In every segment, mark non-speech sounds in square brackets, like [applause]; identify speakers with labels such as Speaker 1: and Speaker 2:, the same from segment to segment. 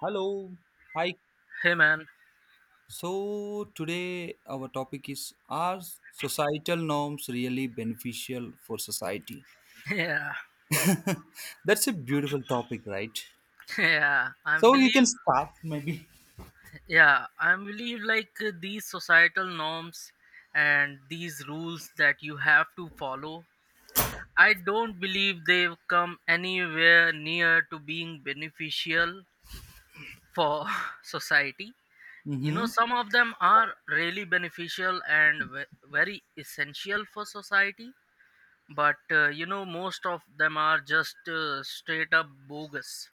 Speaker 1: Hello. Hi.
Speaker 2: Hey man,
Speaker 1: So today our topic is are societal norms really beneficial for society?
Speaker 2: [laughs] yeah,
Speaker 1: That's a beautiful topic, right?
Speaker 2: yeah. I
Speaker 1: So you can
Speaker 2: believe,
Speaker 1: start maybe.
Speaker 2: yeah, I believe these societal norms and these rules that you have to follow. I don't believe they've come anywhere near to being beneficial for [laughs] society. You know,
Speaker 1: Mm-hmm.
Speaker 2: some of them are really beneficial and very essential for society, but most of them are just straight up bogus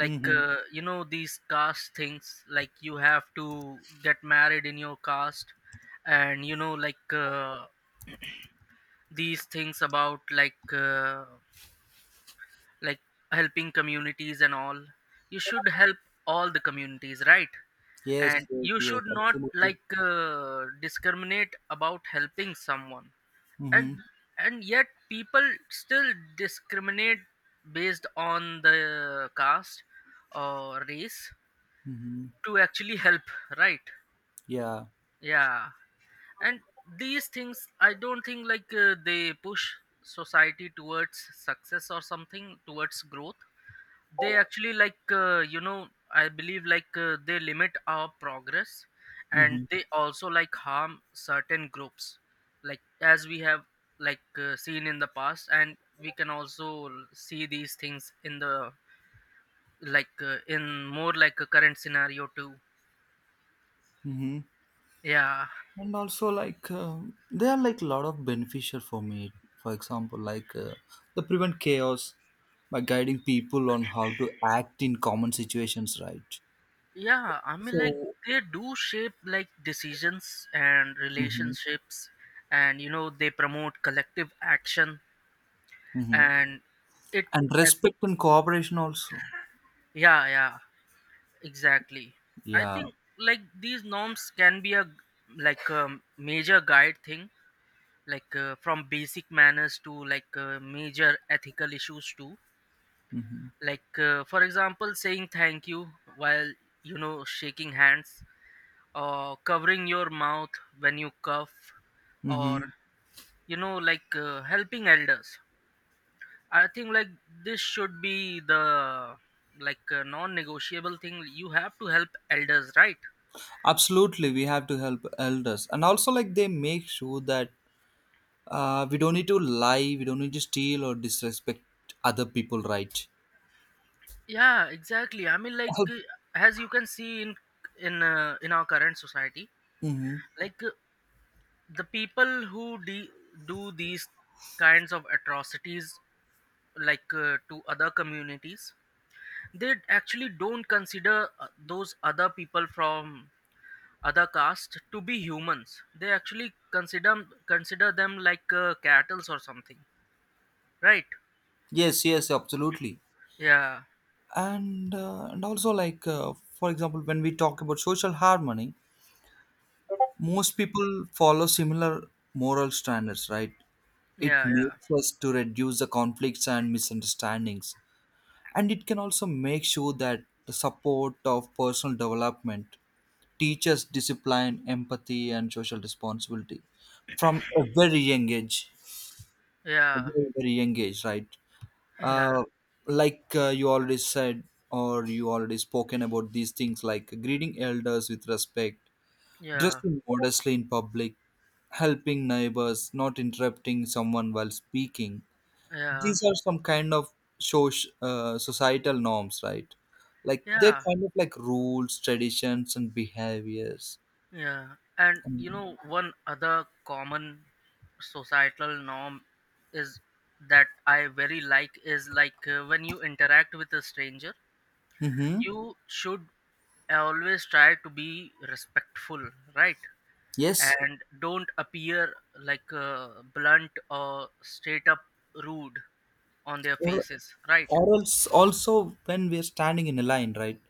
Speaker 2: like
Speaker 1: Mm-hmm.
Speaker 2: uh, you know these caste things like you have to get married in your caste and these things about like helping communities and all. You should help all the communities, right?
Speaker 1: Yes,
Speaker 2: And
Speaker 1: yes,
Speaker 2: you
Speaker 1: yes,
Speaker 2: should not
Speaker 1: absolutely.
Speaker 2: discriminate about helping someone. and
Speaker 1: Mm-hmm.
Speaker 2: and yet people still discriminate based on the caste or race
Speaker 1: Mm-hmm.
Speaker 2: to actually help, right?
Speaker 1: Yeah.
Speaker 2: Yeah. And these things I don't think they push society towards success or something towards growth. They actually I believe they limit our progress and
Speaker 1: Mm-hmm.
Speaker 2: they also like harm certain groups, like as we have seen in the past, and we can also see these things in the in more like a current scenario too.
Speaker 1: Mm-hmm.
Speaker 2: Yeah.
Speaker 1: And also like they are like a lot of beneficial for me, for example, like they prevent chaos by guiding people on how to act in common situations, right?
Speaker 2: Yeah, I mean, like
Speaker 1: So
Speaker 2: they do shape like decisions and
Speaker 1: hmm,
Speaker 2: relationships, and you know they promote collective action,
Speaker 1: hmm,
Speaker 2: and it,
Speaker 1: and
Speaker 2: uh,
Speaker 1: respect and cooperation also,
Speaker 2: yeah, yeah, exactly. I
Speaker 1: yeah.
Speaker 2: think like these norms can be a like a major guide thing, from basic manners to major ethical issues too.
Speaker 1: Hmm.
Speaker 2: For example, saying thank you while you know shaking hands. Or covering your mouth when you cough or you know helping elders. I think like this should be the non-negotiable thing. You have to help elders, right?
Speaker 1: Absolutely, we have to help elders, and also like they make sure that we don't need to lie, we don't need to steal or disrespect other people, right?
Speaker 2: Yeah, exactly. I mean,
Speaker 1: Help.
Speaker 2: as you can see in in our current society,
Speaker 1: Hmm.
Speaker 2: like uh, the people who do these kinds of atrocities to other communities. They actually don't consider those other people from other caste to be humans. They actually consider them cattles or something, right?
Speaker 1: Yes, yes, absolutely.
Speaker 2: Yeah,
Speaker 1: And and also like for example, when we talk about social harmony, most people follow similar moral standards, right? It
Speaker 2: yeah, yeah,
Speaker 1: makes us to reduce the conflicts and misunderstandings, and it can also make sure that the support of personal development teaches discipline, empathy and social responsibility from a very young age, a
Speaker 2: yeah,
Speaker 1: very, very young age, right? uh,
Speaker 2: [laughs]
Speaker 1: like you already said, or you already spoken about these things like greeting elders with respect,
Speaker 2: yeah, yeah,
Speaker 1: dressing modestly in public, helping neighbors, not interrupting someone while speaking.
Speaker 2: yeah,
Speaker 1: These are some kind of societal norms, right? Like they're
Speaker 2: yeah,
Speaker 1: kind of like rules, traditions and behaviors.
Speaker 2: yeah. And you know, one other common societal norm is that I very like is like when you interact with a stranger
Speaker 1: Mm-hmm.
Speaker 2: you should always try to be respectful, right?
Speaker 1: Yes.
Speaker 2: And don't appear like uh, blunt or straight up rude on their
Speaker 1: or
Speaker 2: faces, right?
Speaker 1: or else also when we're standing in a line, right?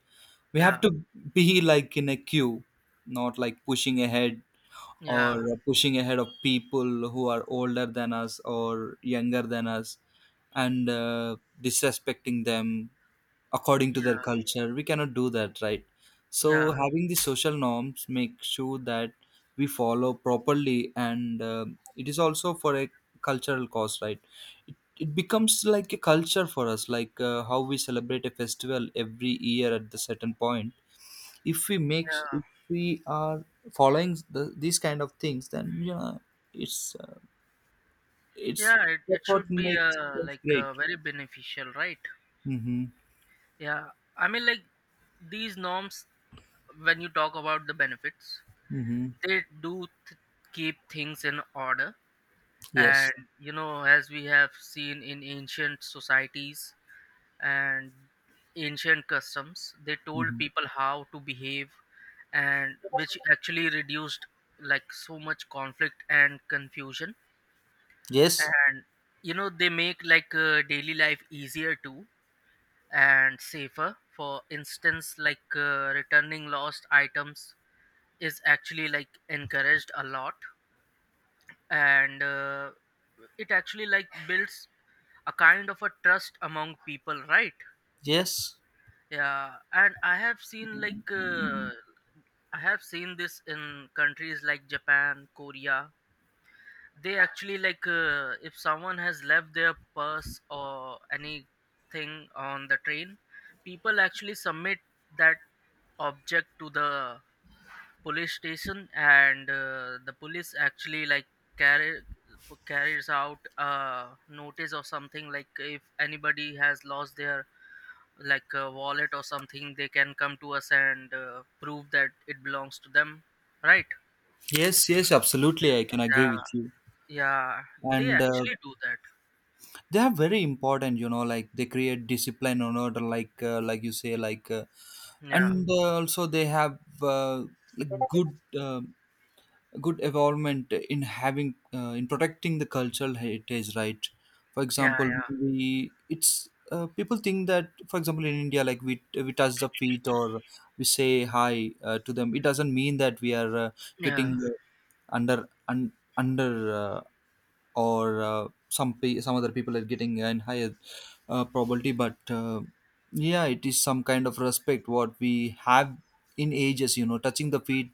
Speaker 1: We have
Speaker 2: Yeah,
Speaker 1: to be like in a queue, not like pushing ahead, or
Speaker 2: yeah,
Speaker 1: pushing ahead of people who are older than us or younger than us, and disrespecting them. According to
Speaker 2: yeah,
Speaker 1: their culture we cannot do that, right? So
Speaker 2: yeah,
Speaker 1: having the social norms make sure that we follow properly, and it is also for a cultural cause, right? It it becomes like a culture for us, like how we celebrate a festival every year at the certain point. if we make
Speaker 2: yeah,
Speaker 1: if we are following these kind of things, then you know it's uh, it's
Speaker 2: yeah, it
Speaker 1: that's what
Speaker 2: should be
Speaker 1: makes us great.
Speaker 2: very beneficial, right?
Speaker 1: Mm-hmm.
Speaker 2: Yeah, I mean, like these norms, when you talk about the benefits,
Speaker 1: Mm-hmm.
Speaker 2: they keep things in order. And
Speaker 1: Yes.
Speaker 2: you know, as we have seen in ancient societies and ancient customs, they told
Speaker 1: Mm-hmm.
Speaker 2: people how to behave, and which actually reduced like so much conflict and confusion.
Speaker 1: Yes,
Speaker 2: And you know, they make daily life easier too, and safer. For instance, returning lost items is actually like encouraged a lot, and it actually like builds a kind of a trust among people, right?
Speaker 1: yes,
Speaker 2: Yeah. And I have seen I have seen this in countries like Japan, Korea. They actually if someone has left their purse or anything on the train, people actually submit that object to the police station, and the police actually like carry carries out a notice or something like if anybody has lost their like a wallet or something, they can come to us and prove that it belongs to them, right?
Speaker 1: yes. Yes, absolutely, I can agree
Speaker 2: Yeah,
Speaker 1: with you.
Speaker 2: yeah, they
Speaker 1: And
Speaker 2: actually do that.
Speaker 1: they are very important, you know, like they create discipline or order, like you say, like
Speaker 2: Yeah,
Speaker 1: and also they have uh, like good, um good involvement in having in protecting the cultural heritage, right? For
Speaker 2: yeah,
Speaker 1: example,
Speaker 2: yeah,
Speaker 1: we it's people think that, for example, in India, like we touch the feet, or we say hi to them, it doesn't mean that we are getting
Speaker 2: yeah,
Speaker 1: under un, under uh, or some other people are getting a higher probability, but yeah, it is some kind of respect what we have in ages, you know, touching the feet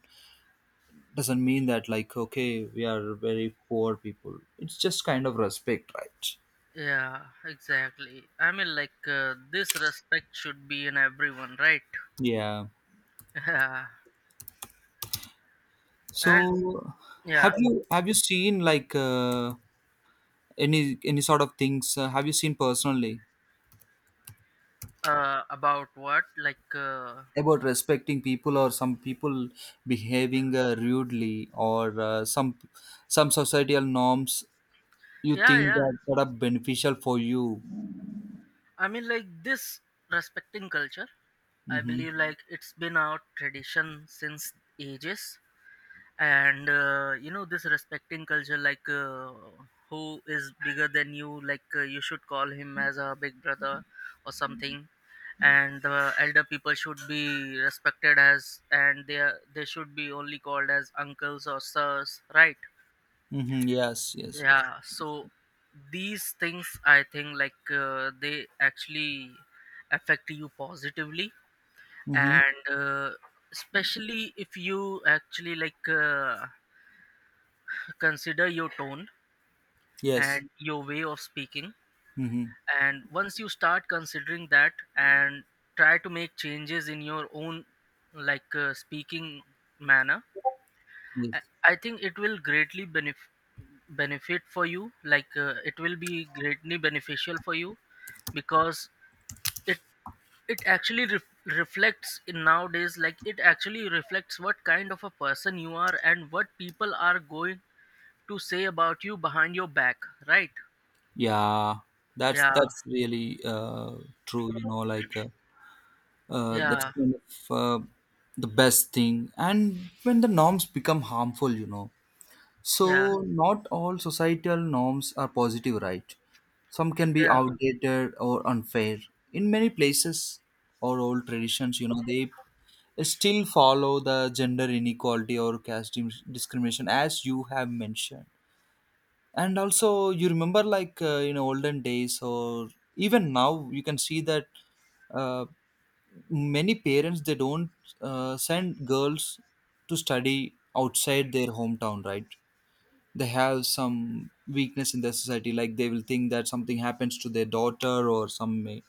Speaker 1: doesn't mean that like okay we are very poor people, it's just kind of respect, right?
Speaker 2: yeah, exactly. I mean, this respect should be in everyone, right?
Speaker 1: Yeah.
Speaker 2: [laughs] Yeah. And
Speaker 1: So have
Speaker 2: yeah,
Speaker 1: you have you seen like any sort of things have you seen personally
Speaker 2: about what
Speaker 1: about respecting people, or some people behaving rudely, or some societal norms you
Speaker 2: yeah,
Speaker 1: think
Speaker 2: yeah.
Speaker 1: that, that are beneficial for you?
Speaker 2: I mean, like this respecting culture, I
Speaker 1: Mm-hmm.
Speaker 2: believe like it's been our tradition since ages, and you know, this respecting culture, who is bigger than you, you should call him as a big brother or something. And the elder people should be respected as and they should be only called as uncles or sirs, right?
Speaker 1: Mm-hmm. Yes, yes, yes.
Speaker 2: Yeah, so these things I think they actually affect you positively.
Speaker 1: Mm-hmm.
Speaker 2: And especially if you actually consider your tone
Speaker 1: Yes.
Speaker 2: and your way of speaking,
Speaker 1: Mm-hmm.
Speaker 2: and once you start considering that and try to make changes in your own speaking manner, i
Speaker 1: Yes.
Speaker 2: I think it will greatly benefit for you. It will be greatly beneficial for you, because it it actually reflects in nowadays, like it actually reflects what kind of a person you are and what people are going to say about you behind your back, right?
Speaker 1: Yeah,
Speaker 2: Yeah,
Speaker 1: that's really true, you know, like that's
Speaker 2: yeah,
Speaker 1: kind of uh, the best thing. And when the norms become harmful, you know, so
Speaker 2: yeah.
Speaker 1: not all societal norms are positive, right? Some can be
Speaker 2: Yeah,
Speaker 1: outdated or unfair. In many places or old traditions, you know, they still follow the gender inequality or caste discrimination, as you have mentioned. And also, you remember, like in olden days, or even now, you can see that uh, many parents they don't send girls to study outside their hometown, right? They have some weakness in their society, like they will think that something happens to their daughter, or some may,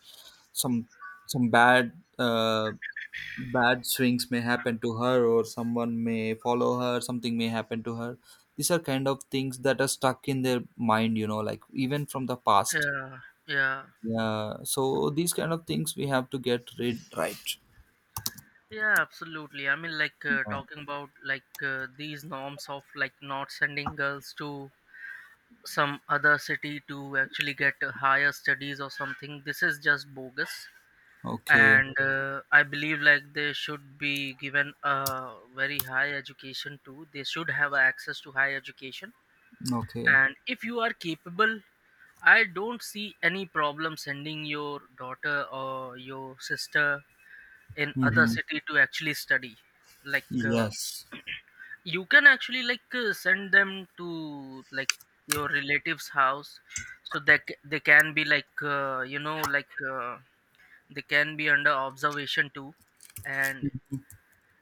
Speaker 1: some some bad uh, bad swings may happen to her, or someone may follow her, something may happen to her. These are kind of things that are stuck in their mind, you know, like even from the past.
Speaker 2: yeah, yeah,
Speaker 1: Yeah, so these kind of things we have to get rid, right?
Speaker 2: yeah, absolutely. I mean,
Speaker 1: Yeah.
Speaker 2: talking about these norms of like not sending girls to some other city to actually get higher studies or something. This is just bogus,
Speaker 1: Okay.
Speaker 2: and I believe like they should be given a very high education too. They should have access to high education,
Speaker 1: Okay.
Speaker 2: and if you are capable. I don't see any problem sending your daughter or your sister in other
Speaker 1: Mm-hmm.
Speaker 2: city to actually study. like uh,
Speaker 1: Yes.
Speaker 2: you can actually send them to like your relatives house so that they can be they can be under observation too. and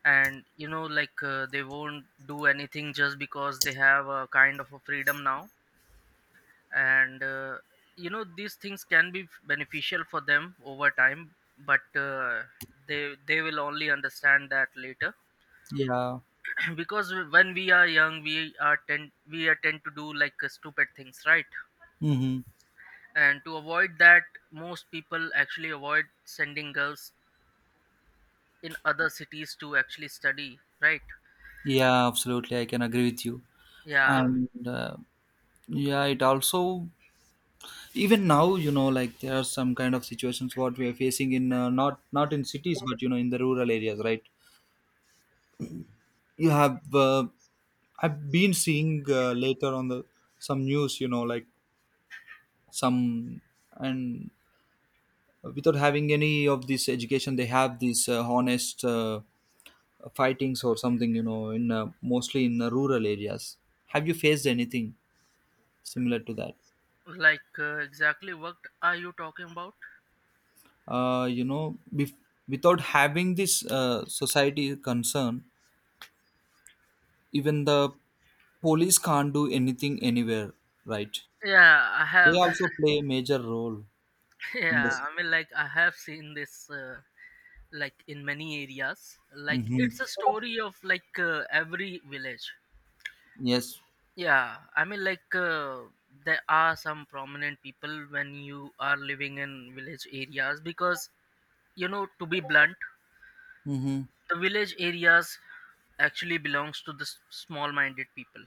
Speaker 2: and you know they won't do anything just because they have a kind of a freedom now. And you know, these things can be beneficial for them over time. But they will only understand that later,
Speaker 1: Yeah.
Speaker 2: because when we are young we are tend to do stupid things, right?
Speaker 1: Mm-hmm.
Speaker 2: And to avoid that, most people actually avoid sending girls in other cities to actually study, right?
Speaker 1: Yeah, absolutely, I can agree with you.
Speaker 2: Yeah.
Speaker 1: And yeah, it also even now, you know, like there are some kind of situations what we are facing in not in cities, but you know, in the rural areas, right? You have I've been seeing later on the some news, you know, like some and without having any of this education, they have these honest fightings or something, you know, in mostly in rural areas. Have you faced anything similar to that?
Speaker 2: Exactly, what are you talking about?
Speaker 1: You know without having this society concern, even the police can't do anything anywhere, right?
Speaker 2: Yeah, I
Speaker 1: They
Speaker 2: have.
Speaker 1: also play a major role
Speaker 2: [laughs]
Speaker 1: in
Speaker 2: Yeah,
Speaker 1: this.
Speaker 2: I mean, like I have seen this like in many areas, like
Speaker 1: Hmm.
Speaker 2: it's a story of every village.
Speaker 1: Yes.
Speaker 2: Yeah, I mean, there are some prominent people when you are living in village areas, because you know, to be blunt,
Speaker 1: Mm-hmm.
Speaker 2: the village areas actually belongs to the small-minded people.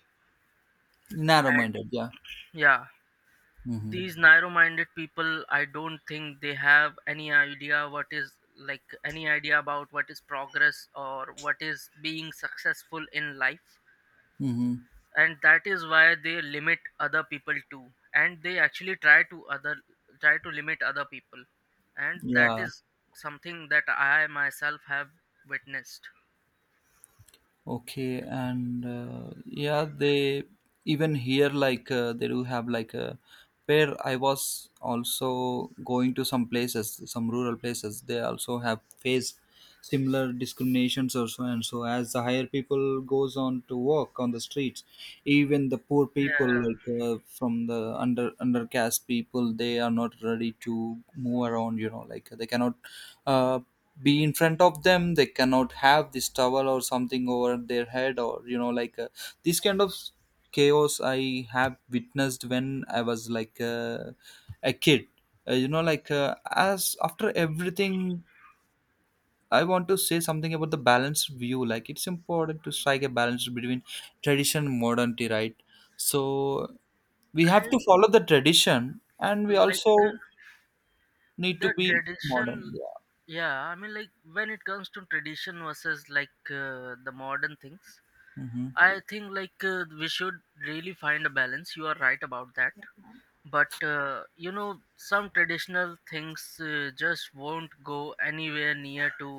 Speaker 1: Narrow
Speaker 2: And
Speaker 1: minded, yeah.
Speaker 2: yeah,
Speaker 1: Mm-hmm.
Speaker 2: these narrow-minded people, I don't think they have any idea what is like any idea about what is progress or what is being successful in life.
Speaker 1: Mm-hmm.
Speaker 2: And that is why they limit other people too, and they actually try to limit other people. And that
Speaker 1: Yeah.
Speaker 2: is something that I myself have witnessed.
Speaker 1: Okay, and yeah, they even here, like they do have like a where I was also going to some places, some rural places. They also have faced similar discriminations or so and so. As the higher people goes on to work on the streets, even the poor people,
Speaker 2: Yeah,
Speaker 1: like from the undercast people, they are not ready to move around, you know, like they cannot. Uh, be in front of them, they cannot have this towel or something over their head, or you know, like this kind of chaos I have witnessed when I was like a kid. You know, like as after everything, I want to say something about the balanced view, like it's important to strike a balance between tradition and modernity, right? So we
Speaker 2: I
Speaker 1: have to follow the tradition and we
Speaker 2: like uh,
Speaker 1: also need to
Speaker 2: the
Speaker 1: be
Speaker 2: tradition.
Speaker 1: modern, yeah.
Speaker 2: Yeah, I mean, like when it comes to tradition versus the modern things,
Speaker 1: Hmm.
Speaker 2: I think we should really find a balance. You are right about that. But you know, some traditional things just won't go anywhere near to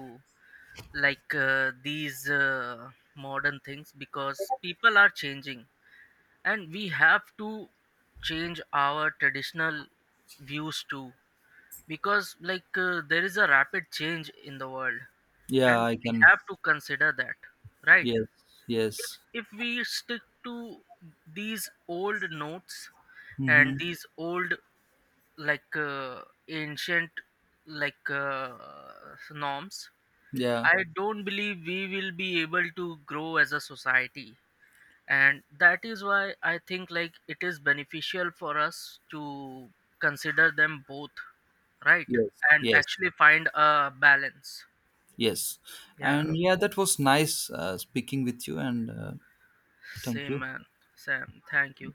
Speaker 2: like these modern things, because people are changing and we have to change our traditional views too, because there is a rapid change in the world,
Speaker 1: Yeah,
Speaker 2: and
Speaker 1: I
Speaker 2: we
Speaker 1: can.
Speaker 2: have to consider that, right?
Speaker 1: Yes,
Speaker 2: if
Speaker 1: yes.
Speaker 2: if we stick to these old notes and
Speaker 1: Mm-hmm.
Speaker 2: these old like uh, ancient like uh, norms,
Speaker 1: Yeah,
Speaker 2: I don't believe we will be able to grow as a society. And that is why I think like it is beneficial for us to consider them both, right?
Speaker 1: yes,
Speaker 2: And
Speaker 1: yes,
Speaker 2: actually find a balance.
Speaker 1: yes.
Speaker 2: Yeah,
Speaker 1: And yeah, that was nice speaking with you, and thank
Speaker 2: same
Speaker 1: you.
Speaker 2: man. Sam, thank you.